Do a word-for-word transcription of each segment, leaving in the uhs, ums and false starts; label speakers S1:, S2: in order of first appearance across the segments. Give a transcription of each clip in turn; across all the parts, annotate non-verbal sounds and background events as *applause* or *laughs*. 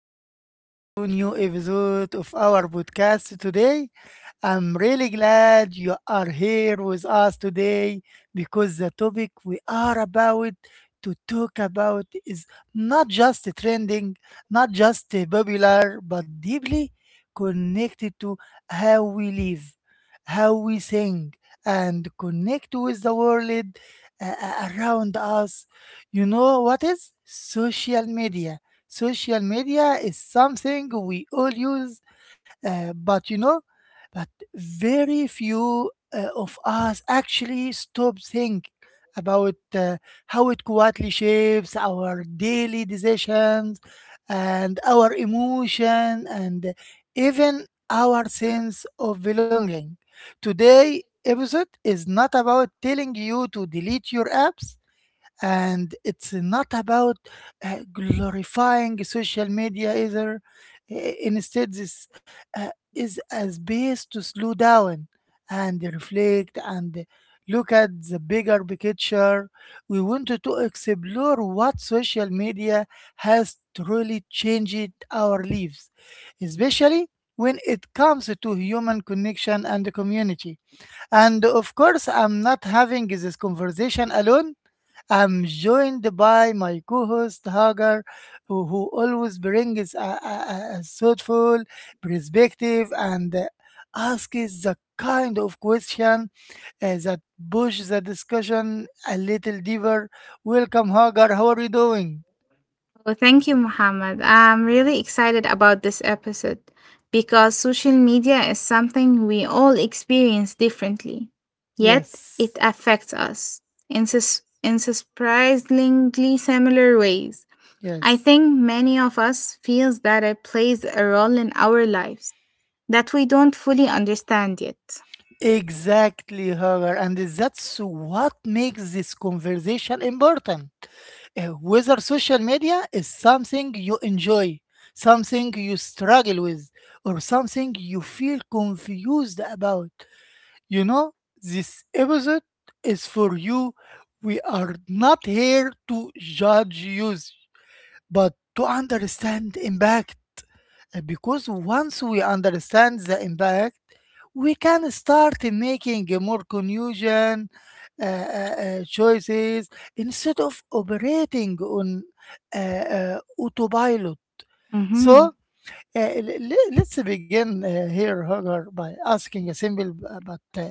S1: everyone to new episode of our podcast today. I'm really glad you are here with us today because the topic we are about to talk about is not just trending, not just popular, but deeply connected to how we live, how we think, and connect with the world uh, uh, around us. You know what is social media? Social media is something we all use, uh, but you know very few uh, of us actually stop think about uh, how it quietly shapes our daily decisions and our emotion and even our sense of belonging. Today episode is not about telling you to delete your apps and it's not about uh, glorifying social media either. I- Instead, this uh, is a space to slow down and reflect and look at the bigger picture. We wanted to explore what social media has truly changed our lives, especially when it comes to human connection and community. And of course, I'm not having this conversation alone. I'm joined by my co-host Hagar, who who always brings a, a, a a thoughtful perspective and uh, asks the kind of question uh, that push the discussion a little deeper. Welcome, Hagar. How are you doing?
S2: Oh, thank you, Muhammad. I'm really excited about this episode because social media is something we all experience differently, yet it
S1: Yes,
S2: affects us in, sus- in surprisingly similar ways. I
S1: yes.
S2: think many of us feels that it plays a role in our lives that we don't fully understand yet.
S1: Exactly, Hagar, and that's what makes this conversation important. Uh, whether social media is something you enjoy, something you struggle with, or something you feel confused about, you know, this episode is for you. We are not here to judge you, but to understand impact. Uh, Because once we understand the impact, we can start making more conclusion uh, uh, uh, choices instead of operating on uh, uh, autopilot. So
S2: hmm
S1: uh, l- l- let's begin uh, here, Hagar, by asking a simple b- but uh,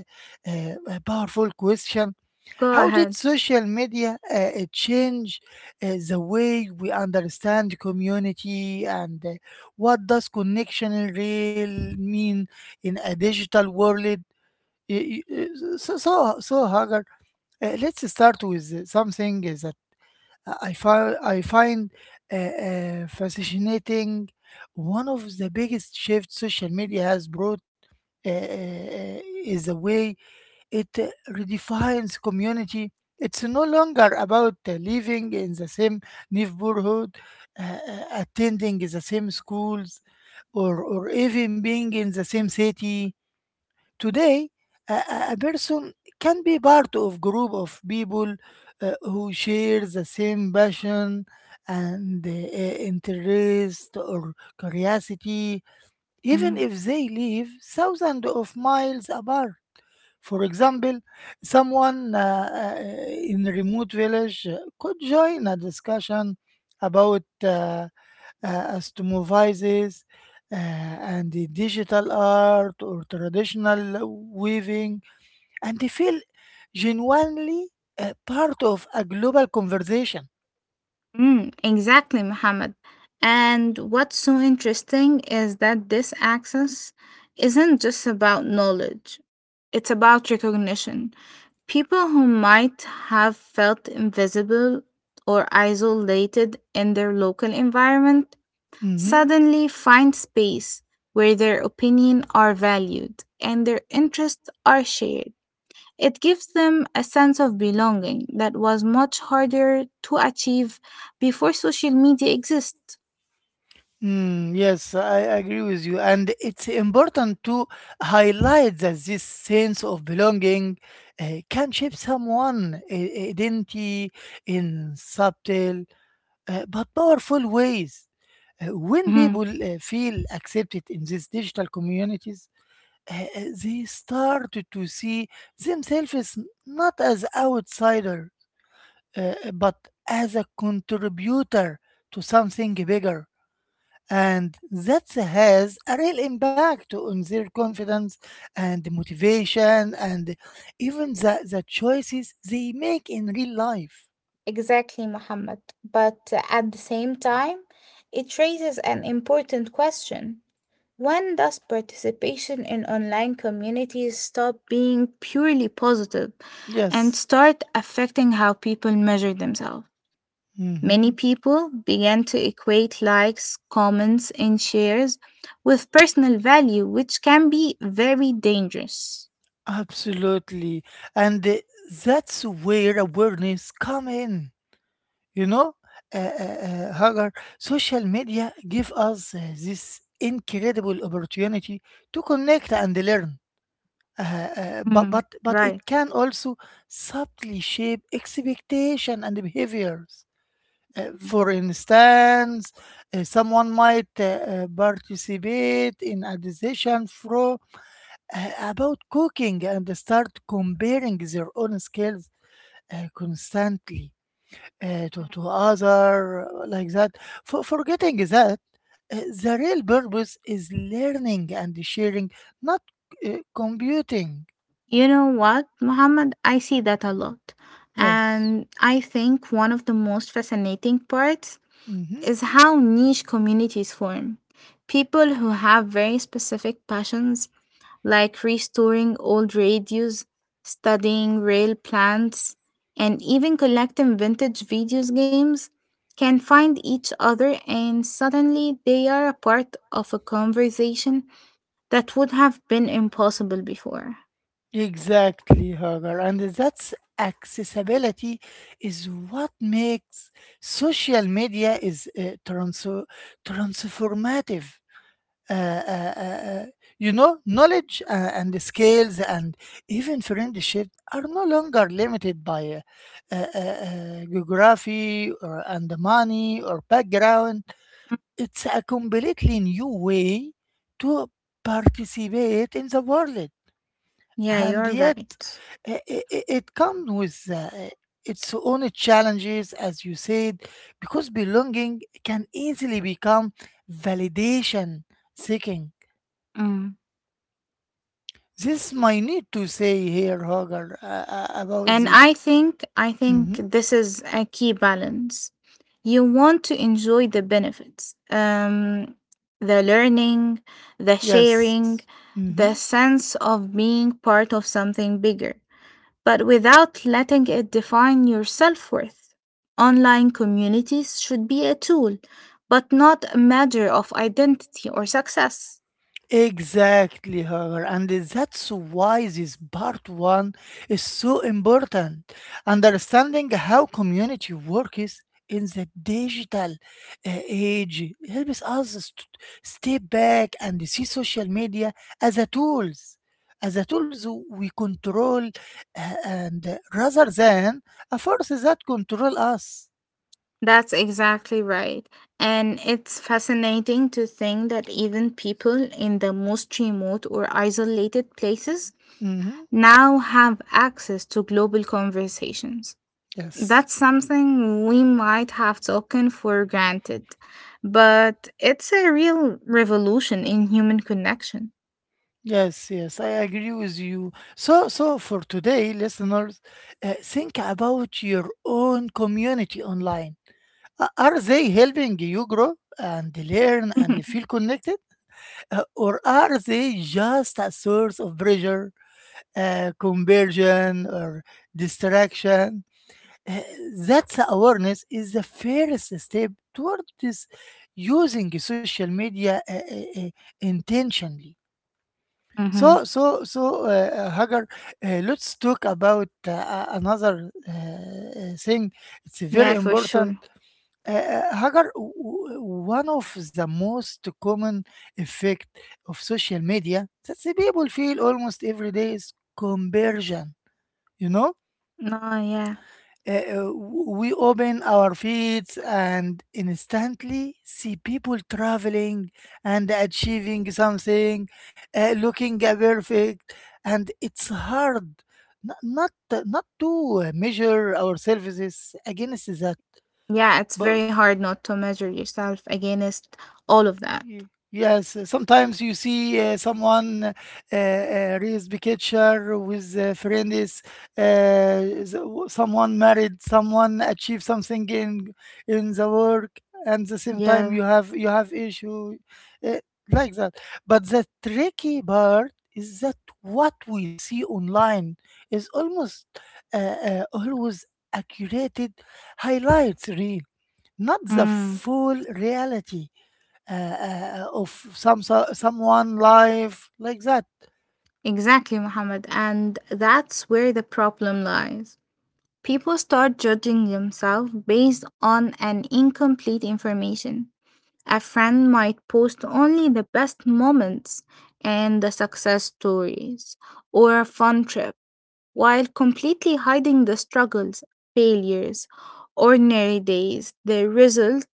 S1: uh, a powerful question.
S2: Go
S1: How did
S2: ahead.
S1: social media uh, uh, change uh, the way we understand community and uh, what does connection in real mean in a digital world? Y- y- uh, So, so, so Hagar, uh, let's start with uh, something is that I find I find uh, uh, fascinating. One of the biggest shifts social media has brought uh, uh, uh, is the way it uh, redefines community. It's no longer about uh, living in the same neighborhood, uh, uh, attending the same schools, or, or even being in the same city. Today, a, a a person can be part of group of people uh, who share the same passion and uh, interest or curiosity, even
S2: Mm-hmm.
S1: if they live thousands of miles apart. For example, someone uh, uh, in a remote village uh, could join a discussion about uh, uh, astomophysis uh, and the digital art or traditional weaving, and they feel genuinely uh, part of a global conversation.
S2: Mm, exactly, Mohammed. And what's so interesting is that this access isn't just about knowledge, it's about recognition. People who might have felt invisible or isolated in their local environment
S1: Mhm.
S2: suddenly find space where their opinion are valued and their interests are shared. It gives them a sense of belonging that was much harder to achieve before social media exists.
S1: Mm, yes, I agree with you. And it's important to highlight that this sense of belonging uh, can shape someone' identity in subtle uh, but powerful ways. Uh, when
S2: Mhm.
S1: people uh, feel accepted in these digital communities, uh, uh, they start to see themselves as not as outsider, uh, but as a contributor to something bigger and that has a real impact on their confidence and motivation and even the, the choices they make in real life.
S2: Exactly, Muhammad. But uh, at the same time, it raises an important question. When does participation in online communities stop being being purely positive and
S1: Yes.
S2: start affecting how people measure themselves? Many
S1: Hmm.
S2: people began to equate likes, comments, and shares with personal value, which can be very dangerous.
S1: Absolutely. And uh, that's where awareness come in. You know, uh, uh, uh, Hagar, social media give us uh, this incredible opportunity to connect and learn uh, uh, but,
S2: Mm,
S1: but but it
S2: right.
S1: can also subtly shape expectation and behaviors. Uh,
S2: Mhm.
S1: for instance, uh, someone might uh, uh, participate in a decision fro uh, about cooking and start comparing their own skills uh, constantly uh, to, to other uh, like that for forgetting that uh, the real purpose is learning and sharing, not uh, computing.
S2: You know what, Muhammad? I see that a lot.
S1: Yes.
S2: And I think one of the most fascinating parts
S1: Hmm.
S2: is how niche communities form. People who have very specific passions like restoring old radios, studying rail plants, and even collecting vintage video games can find each other and suddenly they are a part of a conversation that would have been impossible before.
S1: Exactly, Hagar. And that's accessibility is what makes social media is uh, trans- transformative. uh, uh, uh, uh, you know, knowledge uh, and the skills and even friendship are no longer limited by uh, uh, uh, uh, geography or and the money or background. It's a completely new way to participate in the world,
S2: Yeah,
S1: and
S2: you're
S1: yet
S2: right.
S1: uh, i- i- it comes with uh, its own challenges, as you said, because belonging can easily become validation seeking.
S2: Mm.
S1: This my need to say here, Hogar, uh, uh, about
S2: And
S1: this.
S2: I think I think
S1: Mhm.
S2: this is a key balance. You want to enjoy the benefits, um, the learning, the
S1: Yes.
S2: sharing,
S1: Mhm.
S2: the sense of being part of something bigger, but without letting it define your self worth. Online communities should be a tool, but not a measure of identity or success.
S1: Exactly, her, and that's why this part one is so important. Understanding how community works in the digital uh, age helps us st- stay back and see social media as a tools, as a tools we control, uh, and uh, rather than a force that control us.
S2: That's exactly right. And it's fascinating to think that even people in the most remote or isolated places
S1: Mhm.
S2: now have access to global conversations.
S1: Yes.
S2: That's something we might have taken for granted, but it's a real revolution in human connection.
S1: Yes, yes, I agree with you. So, so for today, listeners, uh, think about your own community online. A- Are they helping you grow and learn and
S2: *laughs*
S1: feel connected? Uh, or are they just a source of pressure, uh, conversion, or distraction? Uh, that's awareness is the first step toward this using social media uh, uh, uh, intentionally.
S2: hmm
S1: So, so, so, uh, uh, Hagar, uh, let's talk about uh, a- another uh, uh, thing. It's
S2: Yeah,
S1: very
S2: for sure.
S1: important. Uh, uh, Hagar, w- w- one of the most common effect of social media that the people feel almost every day is conversion. You know?
S2: No, yeah.
S1: Uh, we open our feeds and instantly see people traveling and achieving something, uh, looking uh, perfect, and it's hard n- not not to measure ourselves against that.
S2: Yeah, it's very hard not to measure yourself against all of that.
S1: Y- Yes, uh, sometimes you see uh, someone uh, uh, raised picture with uh, friends, uh, s- w- someone married, someone achieved something in in the work, and the same time
S2: Yeah.
S1: you have you have issue uh, like that. But the tricky part is that what we see online is almost uh, uh, always accurated highlights, really, not the
S2: Mm.
S1: full reality uh, uh, of some so- someone life like that.
S2: Exactly, Muhammad. And that's where the problem lies. People start judging themselves based on an incomplete information. A friend might post only the best moments and the success stories or a fun trip while completely hiding the struggles, failures, ordinary days. The result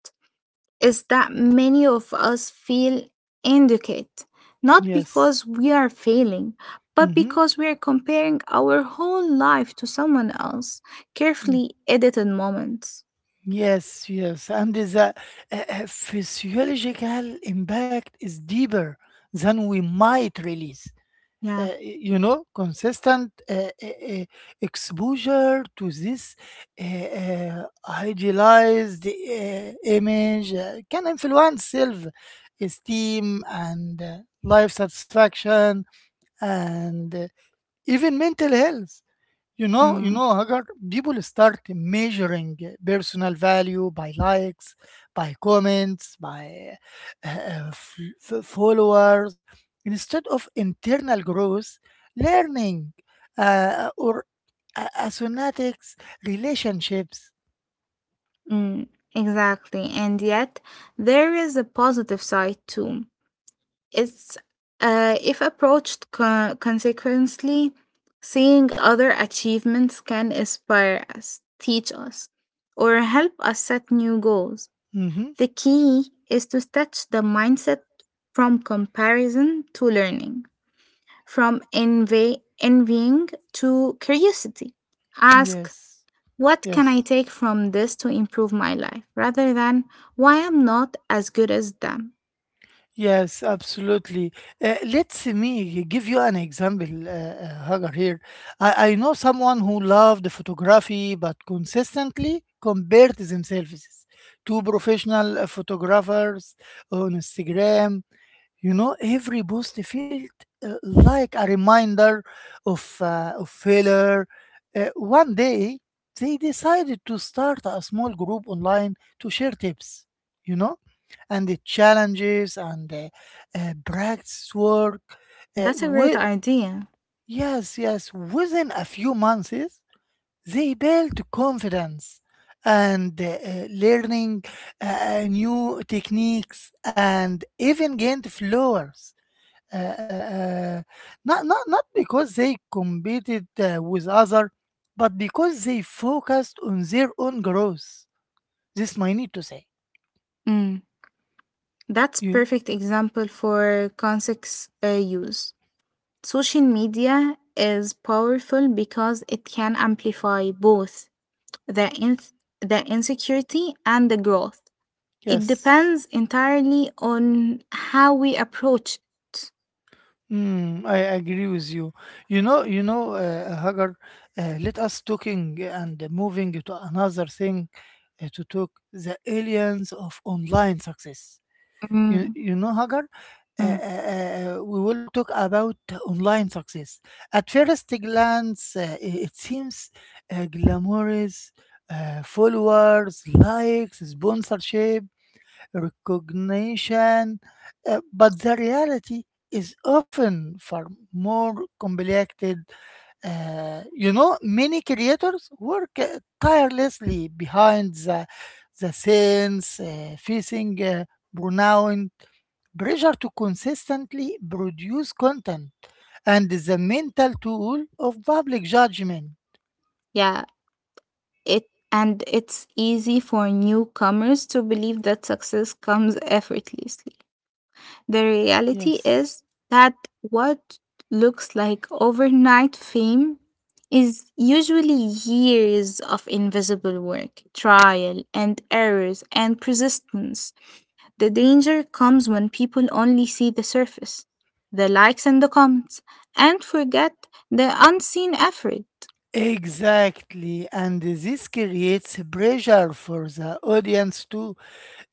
S2: is that many of us feel inadequate, not
S1: Yes.
S2: because we are failing, but
S1: Mm-hmm.
S2: because we are comparing our whole life to someone else, carefully edited moments.
S1: Yes, yes. And the uh, uh, physiological impact is deeper than we might release.
S2: Yeah.
S1: Uh, you know, consistent uh, uh, uh, exposure to this uh, uh, idealized uh, image uh, can influence self esteem and uh, life satisfaction and uh, even mental health. You know you
S2: Mm,
S1: know, Hagar, people start measuring uh, personal value by likes, by comments, by uh, uh, f- f- followers instead of internal growth, learning, uh, or a- asynetics relationships.
S2: mm, exactly. And yet, there is a positive side too. It's uh, if approached co- consequently, seeing other achievements can inspire us, teach us, or help us set new goals.
S1: Mm-hmm.
S2: The key is to stretch the mindset from comparison to learning, from envy, envying to curiosity. Ask,
S1: Yes.
S2: what can I
S1: Yes.
S2: take from this to improve my life rather than why I'm not as good as them?
S1: Yes, absolutely. Uh, let me give you an example, uh, uh, Hagar. Here, I, I know someone who loved photography, but consistently compared themselves to professional uh, photographers on Instagram. You know, every post felt uh, like a reminder of, uh, of failure. Uh, one day, they decided to start a small group online to share tips, you know, and the challenges and uh, uh, practice work. Uh,
S2: That's a great
S1: with,
S2: idea.
S1: yes, yes, within a few months, they built confidence and uh, uh, learning uh, new techniques and even gained followers uh, uh, uh, not not not because they competed uh, with other, but because they focused on their own growth. This my need to say.
S2: Mm, that's
S1: Ye-
S2: perfect example for context uh, use. Social media is powerful because it can amplify both the, in- the insecurity, and the growth. It
S1: Yes.
S2: depends entirely on how we approach it.
S1: Mm, I agree with you. You know, you know, uh, Hagar. Uh, let us talking and moving to another thing uh, to talk the aliens of online success. You,
S2: Mm,
S1: you know, Hagar, uh,
S2: mm.
S1: uh, uh, we will talk about online success. At first glance, uh, i- it seems uh, glamorous. Uh, followers, likes, sponsorship, recognition, uh, but the reality is often far more complicated. Uh, you know, many creators work uh, tirelessly behind the, the scenes, uh, facing uh, burnout, pressure to consistently produce content, and the mental tool of public judgment.
S2: Yeah, it and it's easy for newcomers to believe that success comes effortlessly. The reality
S1: Yes.
S2: is that what looks like overnight fame is usually years of invisible work, trial and errors, and persistence. The danger comes when people only see the surface, the likes and the comments, and forget the unseen effort.
S1: Exactly, and this creates pressure for the audience too.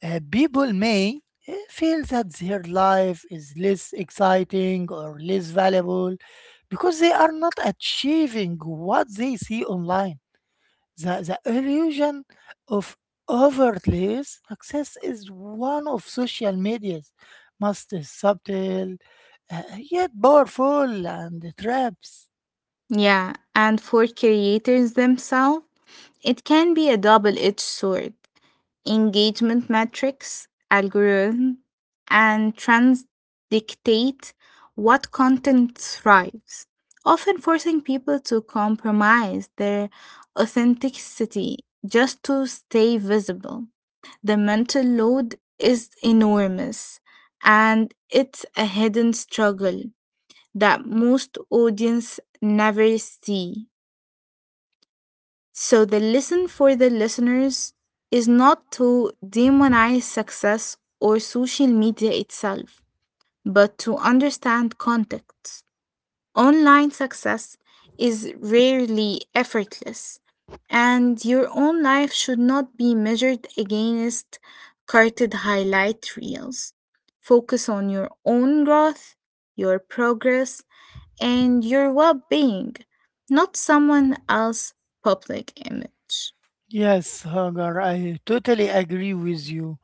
S1: Uh, people may uh, feel that their life is less exciting or less valuable because they are not achieving what they see online. The, the illusion of overtly success is one of social media's most subtle, uh, yet powerful and traps.
S2: Yeah, and for creators themselves, it can be a double edged sword. Engagement metrics, algorithm, and trends dictate what content thrives, often forcing people to compromise their authenticity just to stay visible. The mental load is enormous and it's a hidden struggle that most audience never see. So the lesson for the listeners is not to demonize success or social media itself, but to understand context. Online success is rarely effortless, and your own life should not be measured against carted highlight reels. Focus on your own growth, your progress, and your well being, not someone else's public image.
S1: Yes, Hagar, I totally agree with you.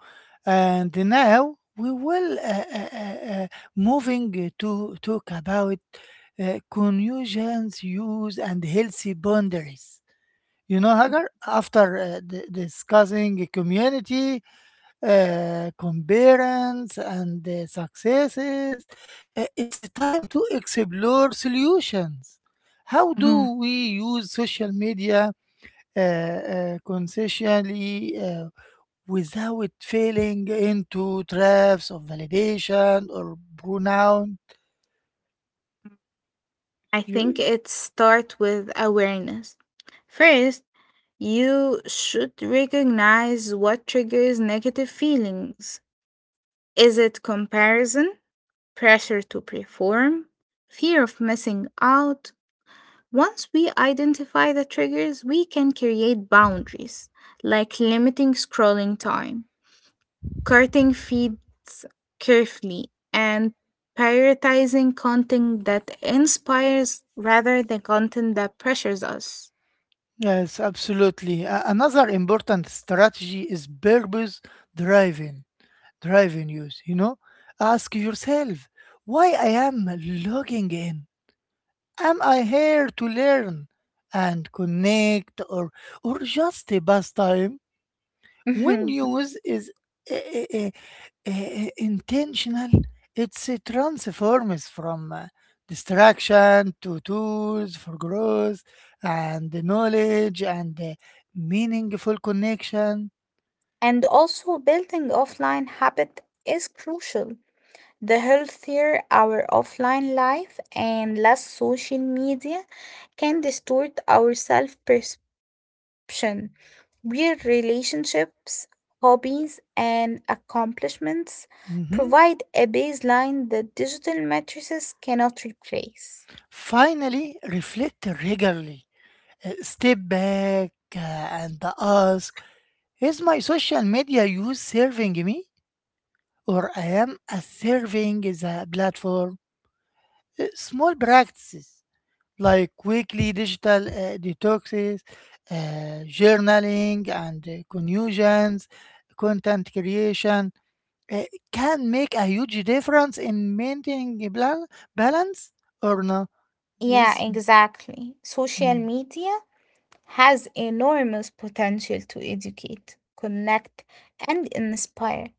S1: And now we will uh, uh, uh, uh, moving to talk about uh, conjunctions use and healthy boundaries. You know, Hagar, after uh, d- discussing community, uh, comparance, and uh, successes, uh, it's time to explore solutions. How
S2: Mhm.
S1: do we use social media? uh, uh, Consciously uh, without falling into traps of validation or pronoun.
S2: I think
S1: You,
S2: it starts with awareness. First, you should recognize what triggers negative feelings. Is it comparison, pressure to perform, fear of missing out? Once we identify the triggers, we can create boundaries, like limiting scrolling time, cutting feeds carefully, and prioritizing content that inspires rather than content that pressures us.
S1: yes, absolutely. A- another important strategy is purpose driving, driving use. You know, ask yourself why I am logging in. Am I here to learn and connect, or or just a pastime? When
S2: Mhm.
S1: use is eh, eh, eh, eh, intentional, it transforms from uh, distraction to tools for growth and knowledge and uh, meaningful connection.
S2: And also, building offline habit is crucial. The healthier our offline life and less social media can distort our self perception, where relationships, hobbies, and accomplishments
S1: Mhm.
S2: provide a baseline that digital matrices cannot replace.
S1: Finally, reflect regularly. Uh, step back uh, and ask, is my social media use serving me or I am a serving the platform? Uh, Small practices like weekly digital uh, detoxes, uh, journaling, and uh, confusions, content creation uh, can make a huge difference in maintaining a bla- balance or no?
S2: Yeah,
S1: This,
S2: exactly. Social
S1: mm,
S2: media has enormous potential to educate, connect, and inspire,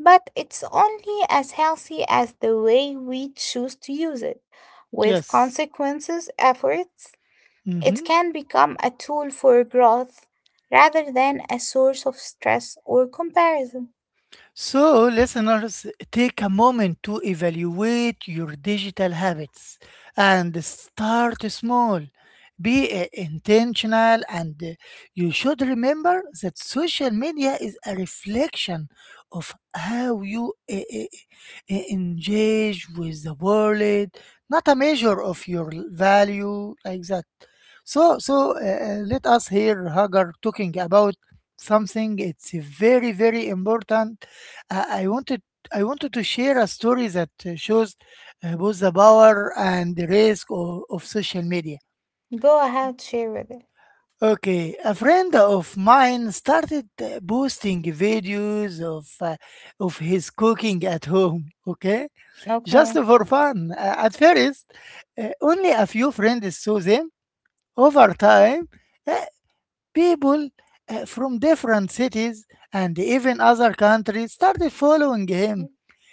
S2: but it's only as healthy as the way we choose to use it. With
S1: yes.
S2: consequences efforts,
S1: Mhm.
S2: it can become a tool for growth rather than a source of stress or comparison.
S1: So, listeners, take a moment to evaluate your digital habits and start small. Be uh, intentional, and uh, you should remember that social media is a reflection of how you uh, uh, uh, engage with the world, not a measure of your value, like that. So, so uh, uh, let us hear Hagar talking about something. It's very, very important. I I wanted I wanted to share a story that uh, shows uh, both the power and the risk of, of social media.
S2: Go ahead, share with it.
S1: Okay, a friend of mine started uh, posting videos of uh, of his cooking at home. Okay, just
S2: Okay.
S1: for fun. Uh, at first, uh, only a few friends saw them. Over time, uh, people uh, from different cities and even other countries started following him.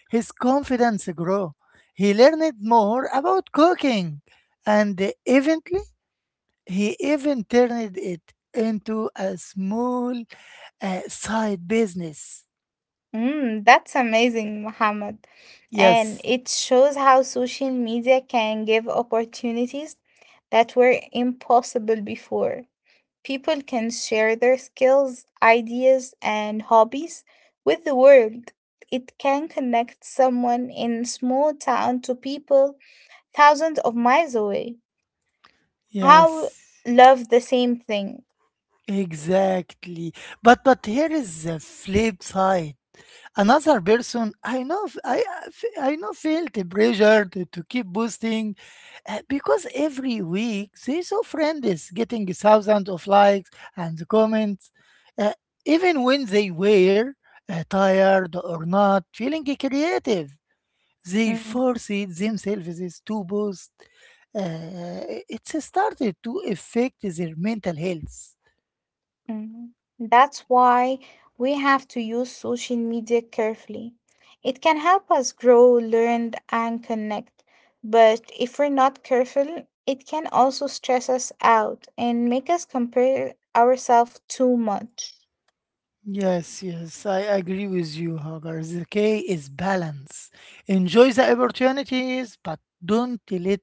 S1: His confidence grew. He learned more about cooking, and eventually, he even turned it into a small uh, side business.
S2: Mm, that's amazing, Mohammed. And
S1: Yes,
S2: it shows how social media can give opportunities that were impossible before. People can share their skills, ideas, and hobbies with the world. It can connect someone in small town to people thousands of miles away. How
S1: yes,
S2: love the same thing.
S1: exactly. But but here is the flip side. Another person I know, f- i I f- I know feel the pressure to, to keep boosting, uh, because every week they saw friends getting thousands of likes and comments, uh, even when they were uh, tired or not feeling creative, they
S2: Mm.
S1: forced themselves to boost. uh, it started to affect their mental health.
S2: Mm, that's why we have to use social media carefully. It can help us grow, learn, and connect. But if we're not careful, it can also stress us out and make us compare ourselves too much.
S1: Yes, yes, I agree with you, Hagar. The key is balance. Enjoy the opportunities, but don't let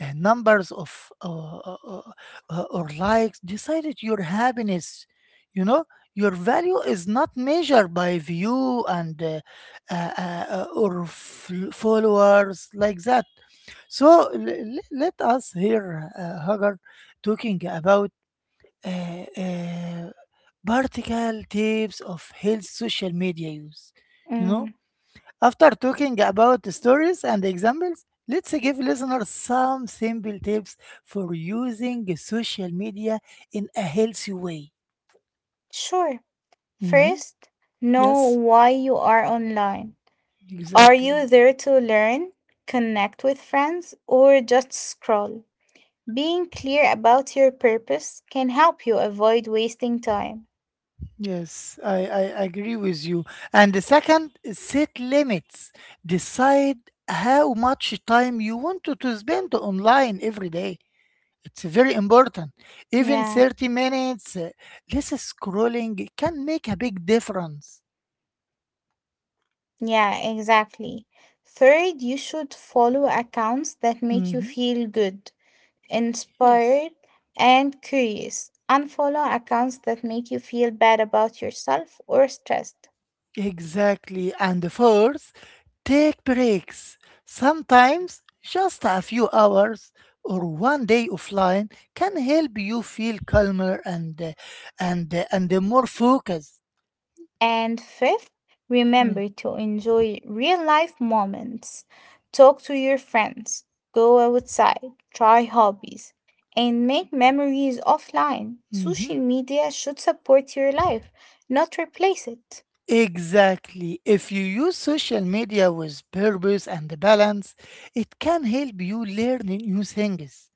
S1: uh, numbers of uh, uh, uh, uh, or likes decide it your happiness. You know, your value is not measured by view and uh, uh, uh, uh, or f- followers, like that. So, l- l- let us hear uh, Hagar talking about uh, uh, practical tips of health social media use. You know,
S2: Mm.
S1: after talking about stories and examples, let's give listeners some simple tips for using social media in a healthy way.
S2: Sure.
S1: Hmm.
S2: First, know
S1: Yes,
S2: why you are online. Are
S1: exactly.
S2: you there to learn, connect with friends, or just scroll? Being clear about your purpose can help you avoid wasting time.
S1: Yes, I, I agree with you. And the second is, set limits. Decide how much time you want to to spend online every day. It's very important. Even
S2: Yeah,
S1: thirty minutes uh, less scrolling can make a big difference.
S2: yeah, exactly. Third, you should follow accounts that make you
S1: Mhm.
S2: feel good,
S1: Yes,
S2: inspired, and curious. Unfollow accounts that make you feel bad about yourself or stressed.
S1: exactly. And the fourth, take breaks. Sometimes just a few hours or one day offline can help you feel calmer and uh, and uh, and more focused.
S2: And fifth,
S1: Yeah.
S2: remember to enjoy real life moments. Talk to your friends, go outside, try hobbies, and make memories offline. Social media should support your life, not replace it.
S1: Exactly. If you use social media with purpose and balance, it can help you learn new things.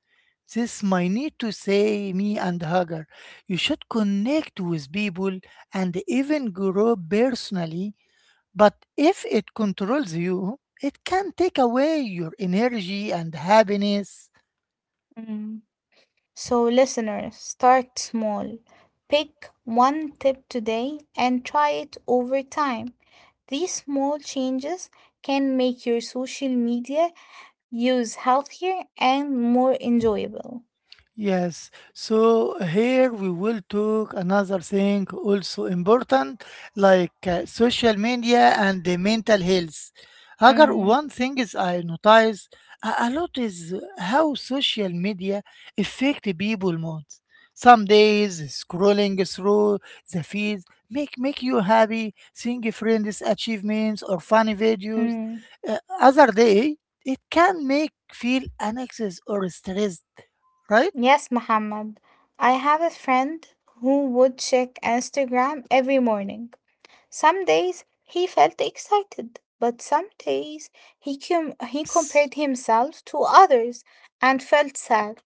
S1: This my need to say me and Hagar. You should connect with people and even grow personally, but if it controls you, it can take away your energy and happiness.
S2: Mm. So, listeners, start small. Pick one tip today and try it over time. These small changes can make your social media use healthier and more enjoyable.
S1: Yes, so here we will talk another thing also important, like uh, social media and the mental health. Agar,
S2: Mm,
S1: one thing is I notice a, a lot is how social media affect the people mood. Some days scrolling through the feeds make make you happy, seeing friends' achievements or funny videos.
S2: mm.
S1: Uh, other day it can make feel anxious or stressed, right?
S2: Yes, Muhammad. I have a friend who would check Instagram every morning. Some days he felt excited, but some days he com- he
S1: Yes,
S2: compared himself to others and felt sad.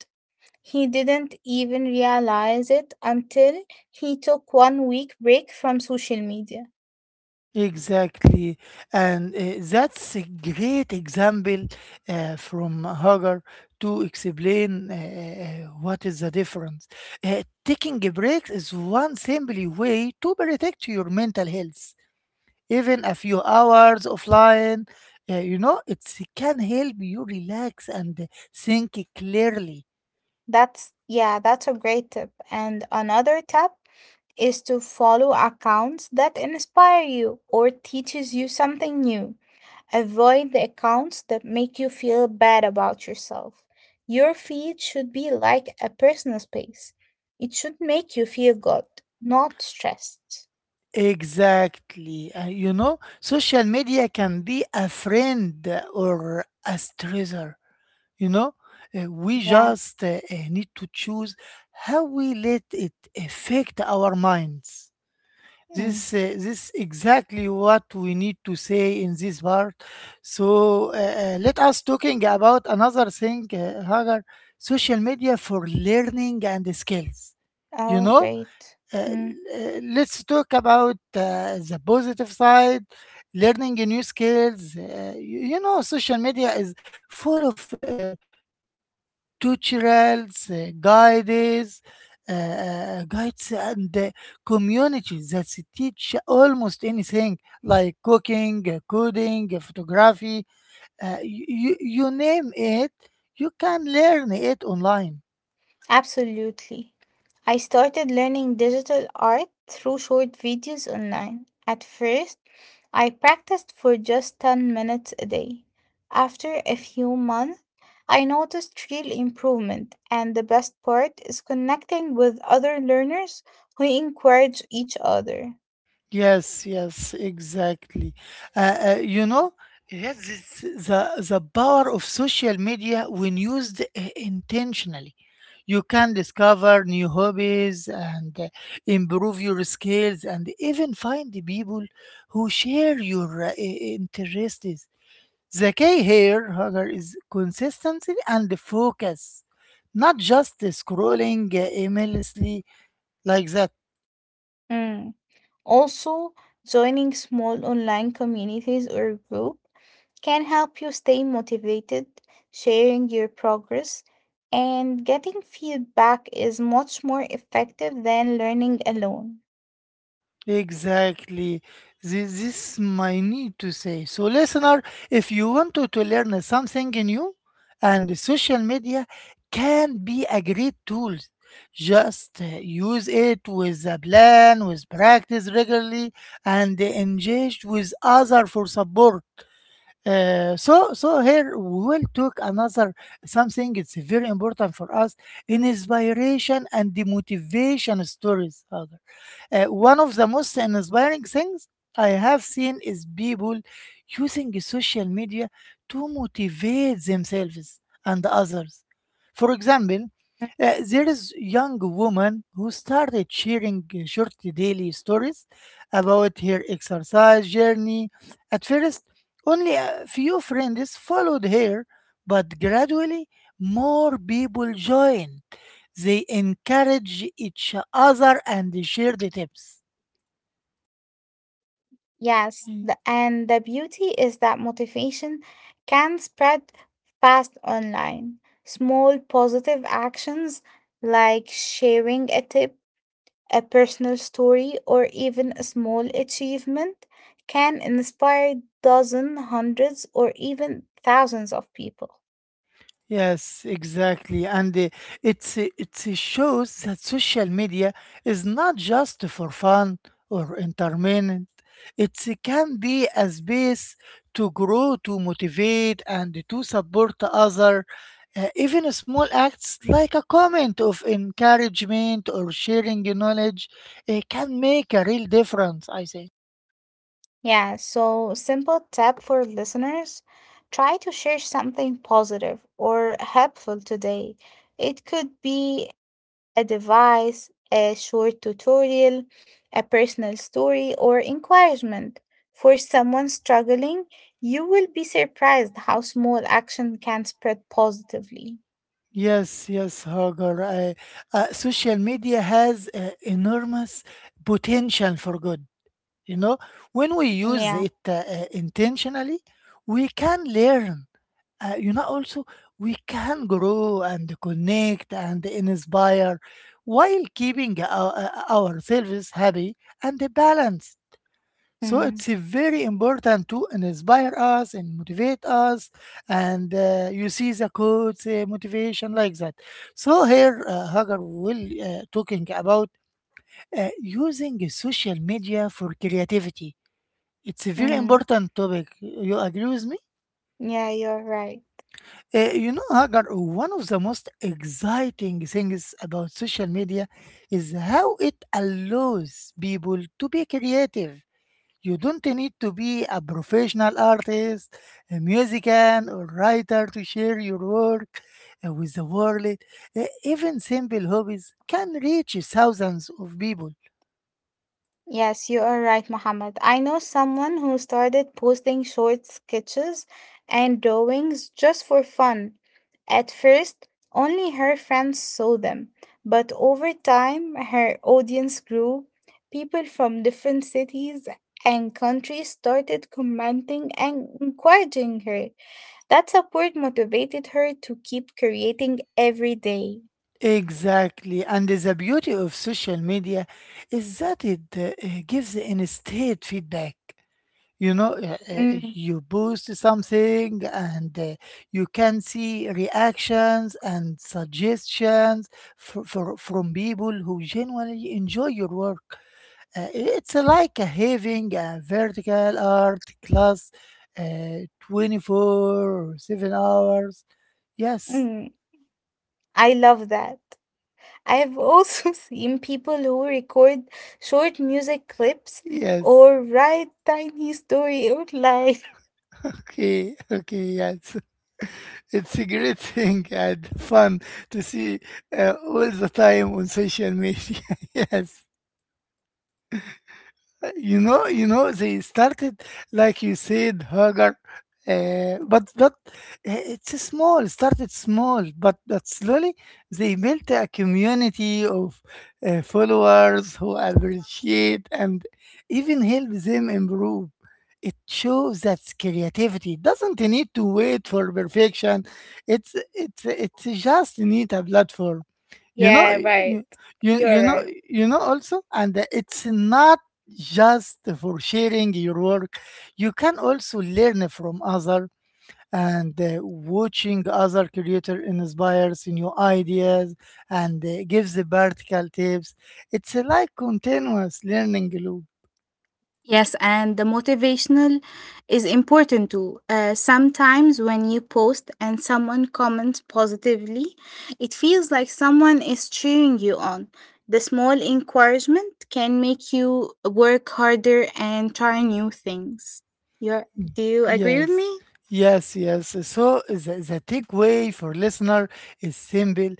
S2: He didn't even realize it until he took one week break from social media.
S1: exactly. And uh, that's a great example uh, from Hagar to explain uh, what is the difference. Uh, taking a break is one simple way to protect your mental health. Even a few hours offline, uh, you know, it can help you relax and think clearly.
S2: That's yeah, that's a great tip. And another tip is to follow accounts that inspire you or teaches you something new. Avoid the accounts that make you feel bad about yourself. Your feed should be like a personal space. It should make you feel good, not stressed.
S1: Exactly. Uh, you know, social media can be a friend or a stressor. You know, Uh, we
S2: Yeah.
S1: just uh, uh, need to choose how we let it affect our minds.
S2: Mm.
S1: This, uh, this exactly what we need to say in this part. So uh, uh, let us talking about another thing, uh, Hagar, social media for learning and skills. You
S2: Oh,
S1: know,
S2: great.
S1: uh,
S2: Mm.
S1: uh, let's talk about uh, the positive side, learning new skills. Uh, you, you know, social media is full of uh, tutorials, uh, guides uh, uh, guides and uh, communities that teach almost anything, like cooking, uh, coding, uh, photography. uh, you, you name it, you can learn it online.
S2: Absolutely. I started learning digital art through short videos online. At first, I practiced for just ten minutes a day. After a few months, I noticed real improvement, and the best part is connecting with other learners who encourage each other.
S1: Yes, yes, exactly. Uh, uh, you know, yes, it's the the power of social media when used i- intentionally. You can discover new hobbies and uh, improve your skills, and even find the people who share your uh, i- interests. The key here, Hagar, is consistency and focus, not just scrolling uh, aimlessly, like that.
S2: Mm. Also, joining small online communities or groups can help you stay motivated, sharing your progress, and getting feedback is much more effective than learning alone.
S1: Exactly. This, this is my need to say. So, listener, if you want to, to learn something new, and social media can be a great tool, just uh, use it with a plan, with practice regularly, and engage with other for support. Uh, so so here we will talk another something. It's very important for us in inspiration and the motivation stories, Hagar. Uh, one of the most inspiring things I have seen is people using social media to motivate themselves and others. For example, uh, there is young woman who started sharing uh, short daily stories about her exercise journey. At first, only a few friends followed her, but gradually more people joined. They encouraged each other and shared tips.
S2: Yes, the, and the beauty is that motivation can spread fast online. Small positive actions like sharing a tip, a personal story, or even a small achievement can inspire dozens, hundreds, or even thousands of people.
S1: Yes, exactly. And uh, it's, uh, it uh, shows that social media is not just for fun or entertainment. It uh, can be a space to grow, to motivate, and to support other. Uh, even small acts like a comment of encouragement or sharing knowledge uh, can make a real difference, I say.
S2: Yeah, so simple tip for listeners, try to share something positive or helpful today. It could be a device, a short tutorial, a personal story, or encouragement. For someone struggling, you will be surprised how small action can spread positively.
S1: Yes, yes, Hagar. I, uh, social media has uh, enormous potential for good. You know, when we use
S2: Yeah.
S1: it uh, uh, intentionally, we can learn. Uh, you know, also we can grow and connect and inspire, while keeping our, uh, ourselves happy and balanced. So
S2: Mm,
S1: it's a very important to inspire us and motivate us, and uh, you see the quotes, uh, motivation, like that. So here, uh, Hagar will uh, talking about uh, using social media for creativity. It's a very
S2: mm.
S1: important topic. You agree with me?
S2: Yeah, you're right.
S1: Uh, you know, Hagar, one of the most exciting things about social media is how it allows people to be creative. You don't need to be a professional artist, a musician, or writer to share your work uh, with the world. Uh, Even simple hobbies can reach thousands of people.
S2: Yes, you are right, Mohammed. I know someone who started posting short sketches and drawings just for fun. At first, only her friends saw them, but over time, her audience grew. People from different cities and countries started commenting and encouraging her. That support motivated her to keep creating every day.
S1: Exactly, and the beauty of social media is that it uh, gives instant feedback. You know, uh, uh,
S2: Mm,
S1: you post something, and uh, you can see reactions and suggestions for, for, from people who genuinely enjoy your work. Uh, it's like having a vertical art class, uh, twenty-four or seven hours. Yes.
S2: mm, I love that. I've also *laughs* seen people who record short music clips
S1: Yes.
S2: or write tiny story *laughs* outline.
S1: Okay, okay. Yes. *laughs* It's a great thing and fun to see uh, all the time on social media. *laughs* Yes. You know you know they started, like you said, Hagar, uh, but but uh, it's small, started small, but but slowly they built a community of uh, followers who appreciate and even help them improve. It shows that creativity doesn't need to wait for perfection. It's it's it's just need a platform. you know
S2: Yeah, right.
S1: you, you
S2: You're
S1: you know
S2: right.
S1: you know also, and it's not just for sharing your work. You can also learn from other, and uh, watching other creator inspires new ideas and uh, gives the practical tips. It's like continuous learning loop.
S2: Yes, and the motivational is important too. Uh, sometimes when you post and someone comments positively, it feels like someone is cheering you on. The small encouragement can make you work harder and try new things. You're, do you agree with
S1: Yes,
S2: me?
S1: yes, yes. So the, the takeaway for listener is simple.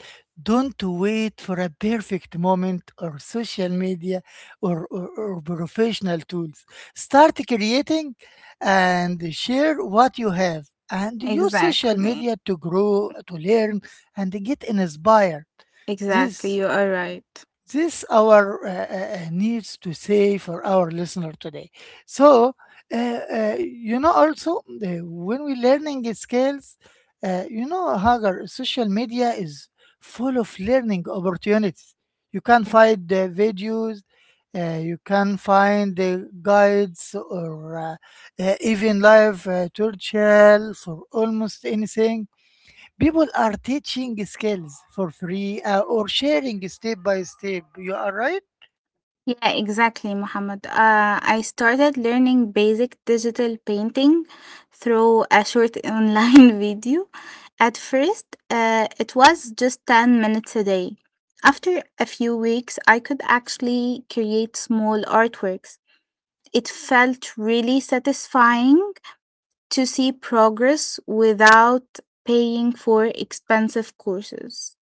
S1: Don't wait for a perfect moment or social media or, or, or professional tools. Start creating and share what you have, and use social
S2: Exactly.
S1: media to grow, to learn, and get inspired.
S2: Exactly,
S1: This
S2: you are right.
S1: this our uh, uh, uh, needs to say for our listener today. So uh, uh, you know, also, uh, when we learning skills, uh, you know, Hagar, social media is full of learning opportunities. You can
S2: Mm.
S1: find uh, videos, uh, you can find uh, guides, or uh, uh, even live uh, tutorial for almost anything. People are teaching skills for free, uh, or sharing step by step. You are right.
S2: Yeah, exactly, Muhammad. Uh, I started learning basic digital painting through a short *laughs* online video. At first, uh, it was just ten minutes a day. After a few weeks, I could actually create small artworks. It felt really satisfying to see progress without paying for expensive courses.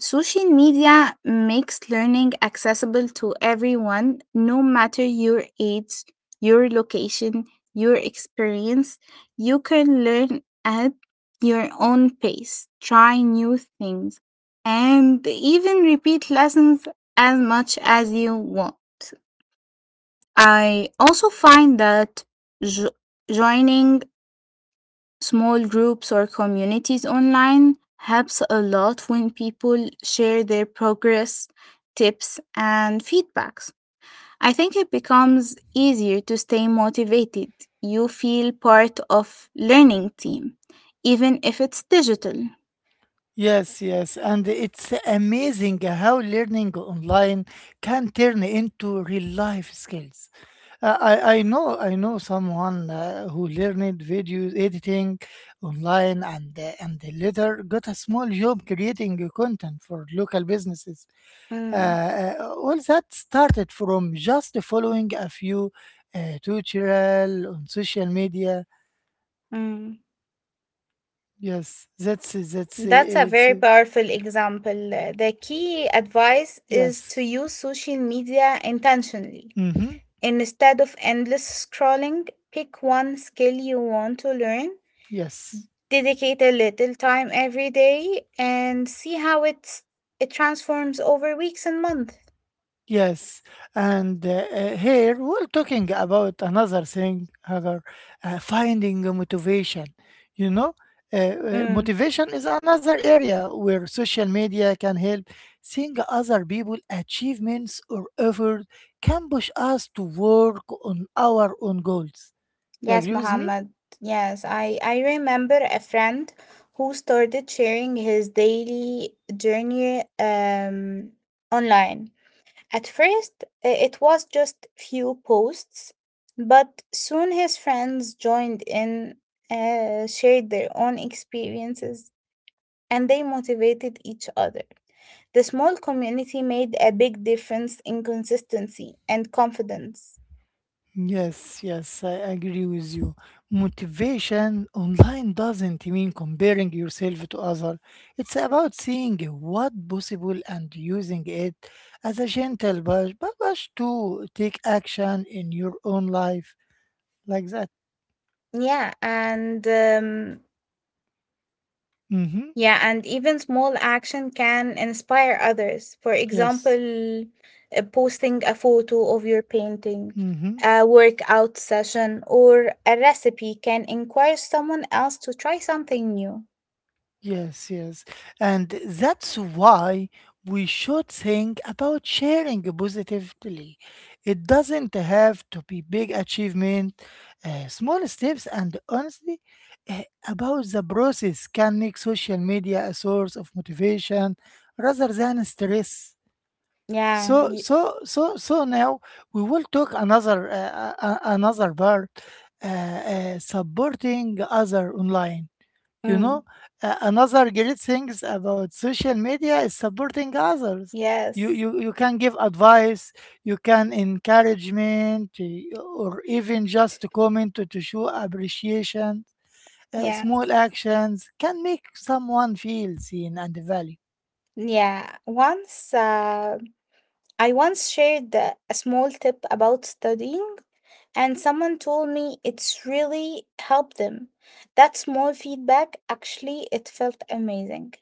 S2: Social media makes learning accessible to everyone, no matter your age, your location, your experience. You can learn at your own pace, try new things, and even repeat lessons as much as you want. I also find that jo- joining small groups or communities online helps a lot when people share their progress, tips and feedbacks. I think it becomes easier to stay motivated. You feel part of learning team even if it's digital.
S1: Yes, yes, and it's amazing how learning online can turn into real life skills. Uh, I, I know I know someone uh, who learned video editing online, and uh, and later got a small job creating content for local businesses.
S2: Mm,
S1: Uh, all that started from just following a few uh, tutorial on social media.
S2: mm.
S1: Yes, that's that's uh,
S2: That's a
S1: it's,
S2: very
S1: uh,
S2: powerful example. Uh, The key advice is to
S1: yes.
S2: use social media intentionally.
S1: Hmm.
S2: Instead of endless scrolling, pick one skill you want to learn,
S1: Yes.
S2: dedicate a little time every day, and see how it's, it transforms over weeks and months.
S1: Yes, and uh, uh, here we're talking about another thing, Hagar, uh, finding a motivation. You know, uh, uh,
S2: Mm.
S1: motivation is another area where social media can help. Seeing other people' achievements or effort can push us to work on our own goals. You
S2: Yes,
S1: agree with me?
S2: Mohammed. Yes, I, I remember a friend who started sharing his daily journey um, online. At first, i- it was just few posts, but soon his friends joined in, uh, shared their own experiences, and they motivated each other. The small community made a big difference in consistency and confidence.
S1: Yes, yes, I agree with you. Motivation online doesn't mean comparing yourself to others. It's about seeing what possible and using it as a gentle push, pu- push to take action in your own life, like that.
S2: Yeah, and um,
S1: Mm-hmm.
S2: yeah, and even small action can inspire others. For
S1: Yes.
S2: example, uh, posting a photo of your painting,
S1: Mm-hmm.
S2: a workout session, or a recipe can encourage someone else to try something new.
S1: Yes, yes. And that's why we should think about sharing positively. It doesn't have to be big achievement, uh, small steps, and honestly, uh, about the process can make social media a source of motivation rather than stress.
S2: Yeah.
S1: So,
S2: Y-
S1: so, so, so now we will talk another, uh, uh, uh, another part, uh, uh, supporting other online. You
S2: mm,
S1: know, a- another great things about social media is supporting others. You
S2: yes.
S1: you, you can give advice, you can encouragement, eh, or even just to comment to, to show appreciation. Uh, small
S2: Yes.
S1: actions can make someone feel seen and valued.
S2: Yeah. Once uh, I once shared uh, a small tip about studying and someone told me it's really helped them. That small feedback actually it felt amazing.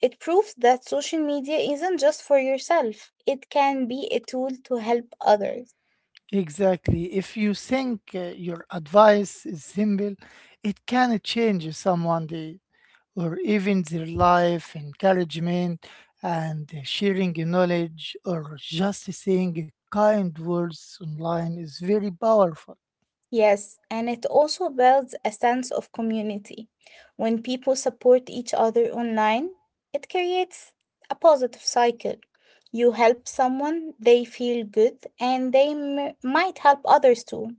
S2: It proves that social media isn't just for yourself. It can be a tool to help others.
S1: Exactly. If you think uh, your advice is simple, it can change someone's day, or even their life. Encouragement, and sharing knowledge or just saying kind words online is very powerful.
S2: Yes, and it also builds a sense of community. When people support each other online, it creates a positive cycle. You help someone, they feel good, and they m- might help others too.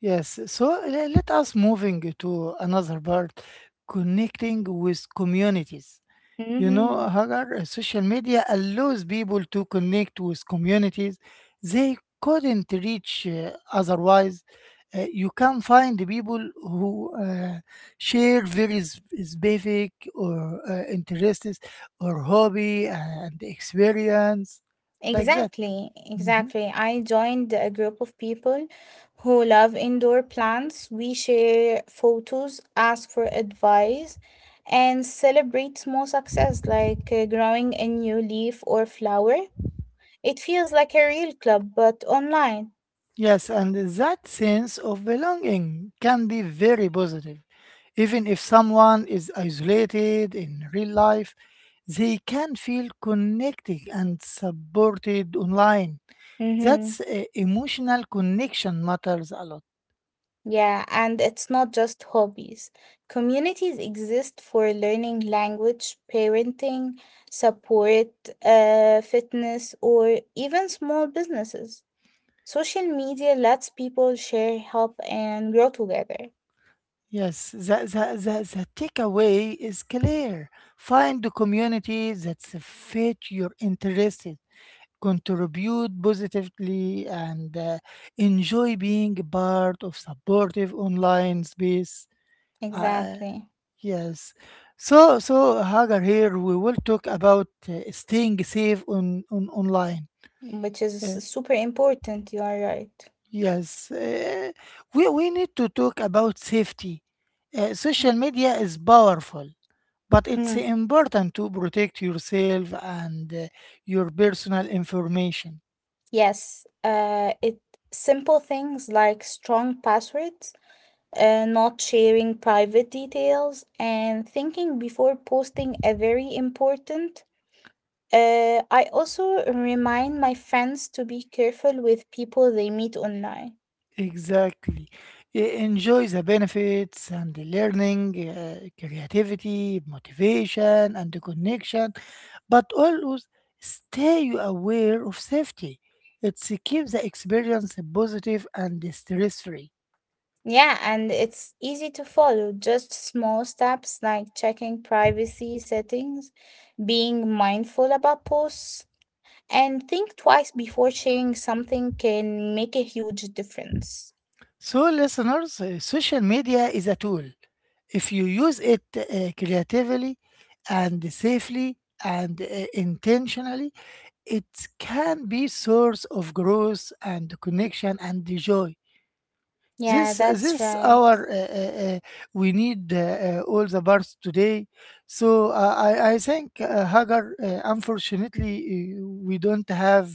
S1: Yes, so le- let us moving to another part, connecting with communities. You know,
S2: Mhm.
S1: Hagar, uh, social media allows people to connect with communities they couldn't reach uh, otherwise. Uh, you can find people who uh, share very s- specific or uh, interests or hobby and experience, like that.
S2: Exactly,
S1: Mm-hmm.
S2: exactly. I joined a group of people who love indoor plants. We share photos, ask for advice, and celebrate small success like uh, growing a new leaf or flower. It feels like a real club, but online.
S1: Yes, and that sense of belonging can be very positive. Even if someone is isolated in real life, they can feel connected and supported online.
S2: Mm-hmm.
S1: That's uh, emotional connection matters a lot.
S2: Yeah, and it's not just hobbies. Communities exist for learning language, parenting, support, uh, fitness, or even small businesses. Social media lets people share help and grow together.
S1: Yes, the, the, the, the takeaway is clear. Find the community that fit your interests, contribute positively, and uh, enjoy being a part of supportive online space. Uh,
S2: Exactly.
S1: yes. So, so Hagar, here we will talk about uh, staying safe on, on online.
S2: Which is
S1: Uh,
S2: super important. You are right.
S1: yes. Uh, we, we need to talk about safety. Uh, social
S2: Mm.
S1: media is powerful, but it's
S2: Mm,
S1: important to protect yourself and uh, your personal information.
S2: yes. Uh, it simple things like strong passwords, uh, not sharing private details, and thinking before posting are very important. Uh, I also remind my friends to be careful with people they meet online.
S1: Exactly. E- Enjoy the benefits and the learning, uh, creativity, motivation, and the connection, but always stay aware of safety. It's keep the experience positive and stress free.
S2: Yeah, and it's easy to follow. Just small steps like checking privacy settings, being mindful about posts, and think twice before sharing something can make a huge difference.
S1: So, listeners, uh, social media is a tool. If you use it uh, creatively and safely and uh, intentionally, it can be source of growth and connection and joy.
S2: Yeah,
S1: This
S2: that's
S1: this
S2: right.
S1: our uh, uh, uh, we need uh, uh, all the birds today. So uh, I I think uh, Hagar, uh, unfortunately, uh, we don't have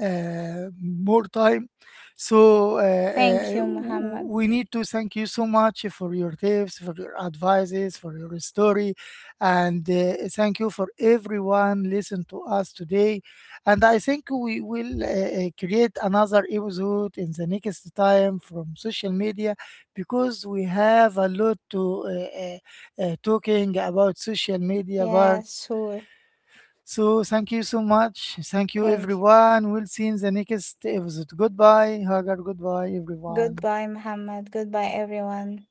S1: uh, more time. So uh,
S2: Thank
S1: uh,
S2: you,
S1: w-
S2: Muhammad.
S1: we need to thank you so much for your tips, for your advices, for your story, and uh, thank you for everyone listen to us today, and I think we will uh, uh, create another episode in the next time from social media, because we have a lot to uh, uh, uh, talking about social media
S2: Yeah,
S1: parts.
S2: sure.
S1: So thank you so much. Thank you,
S2: Thank you.
S1: everyone. We'll see you in the next episode. Goodbye, Hagar. Goodbye, everyone.
S2: Goodbye, Muhammad. Goodbye, everyone.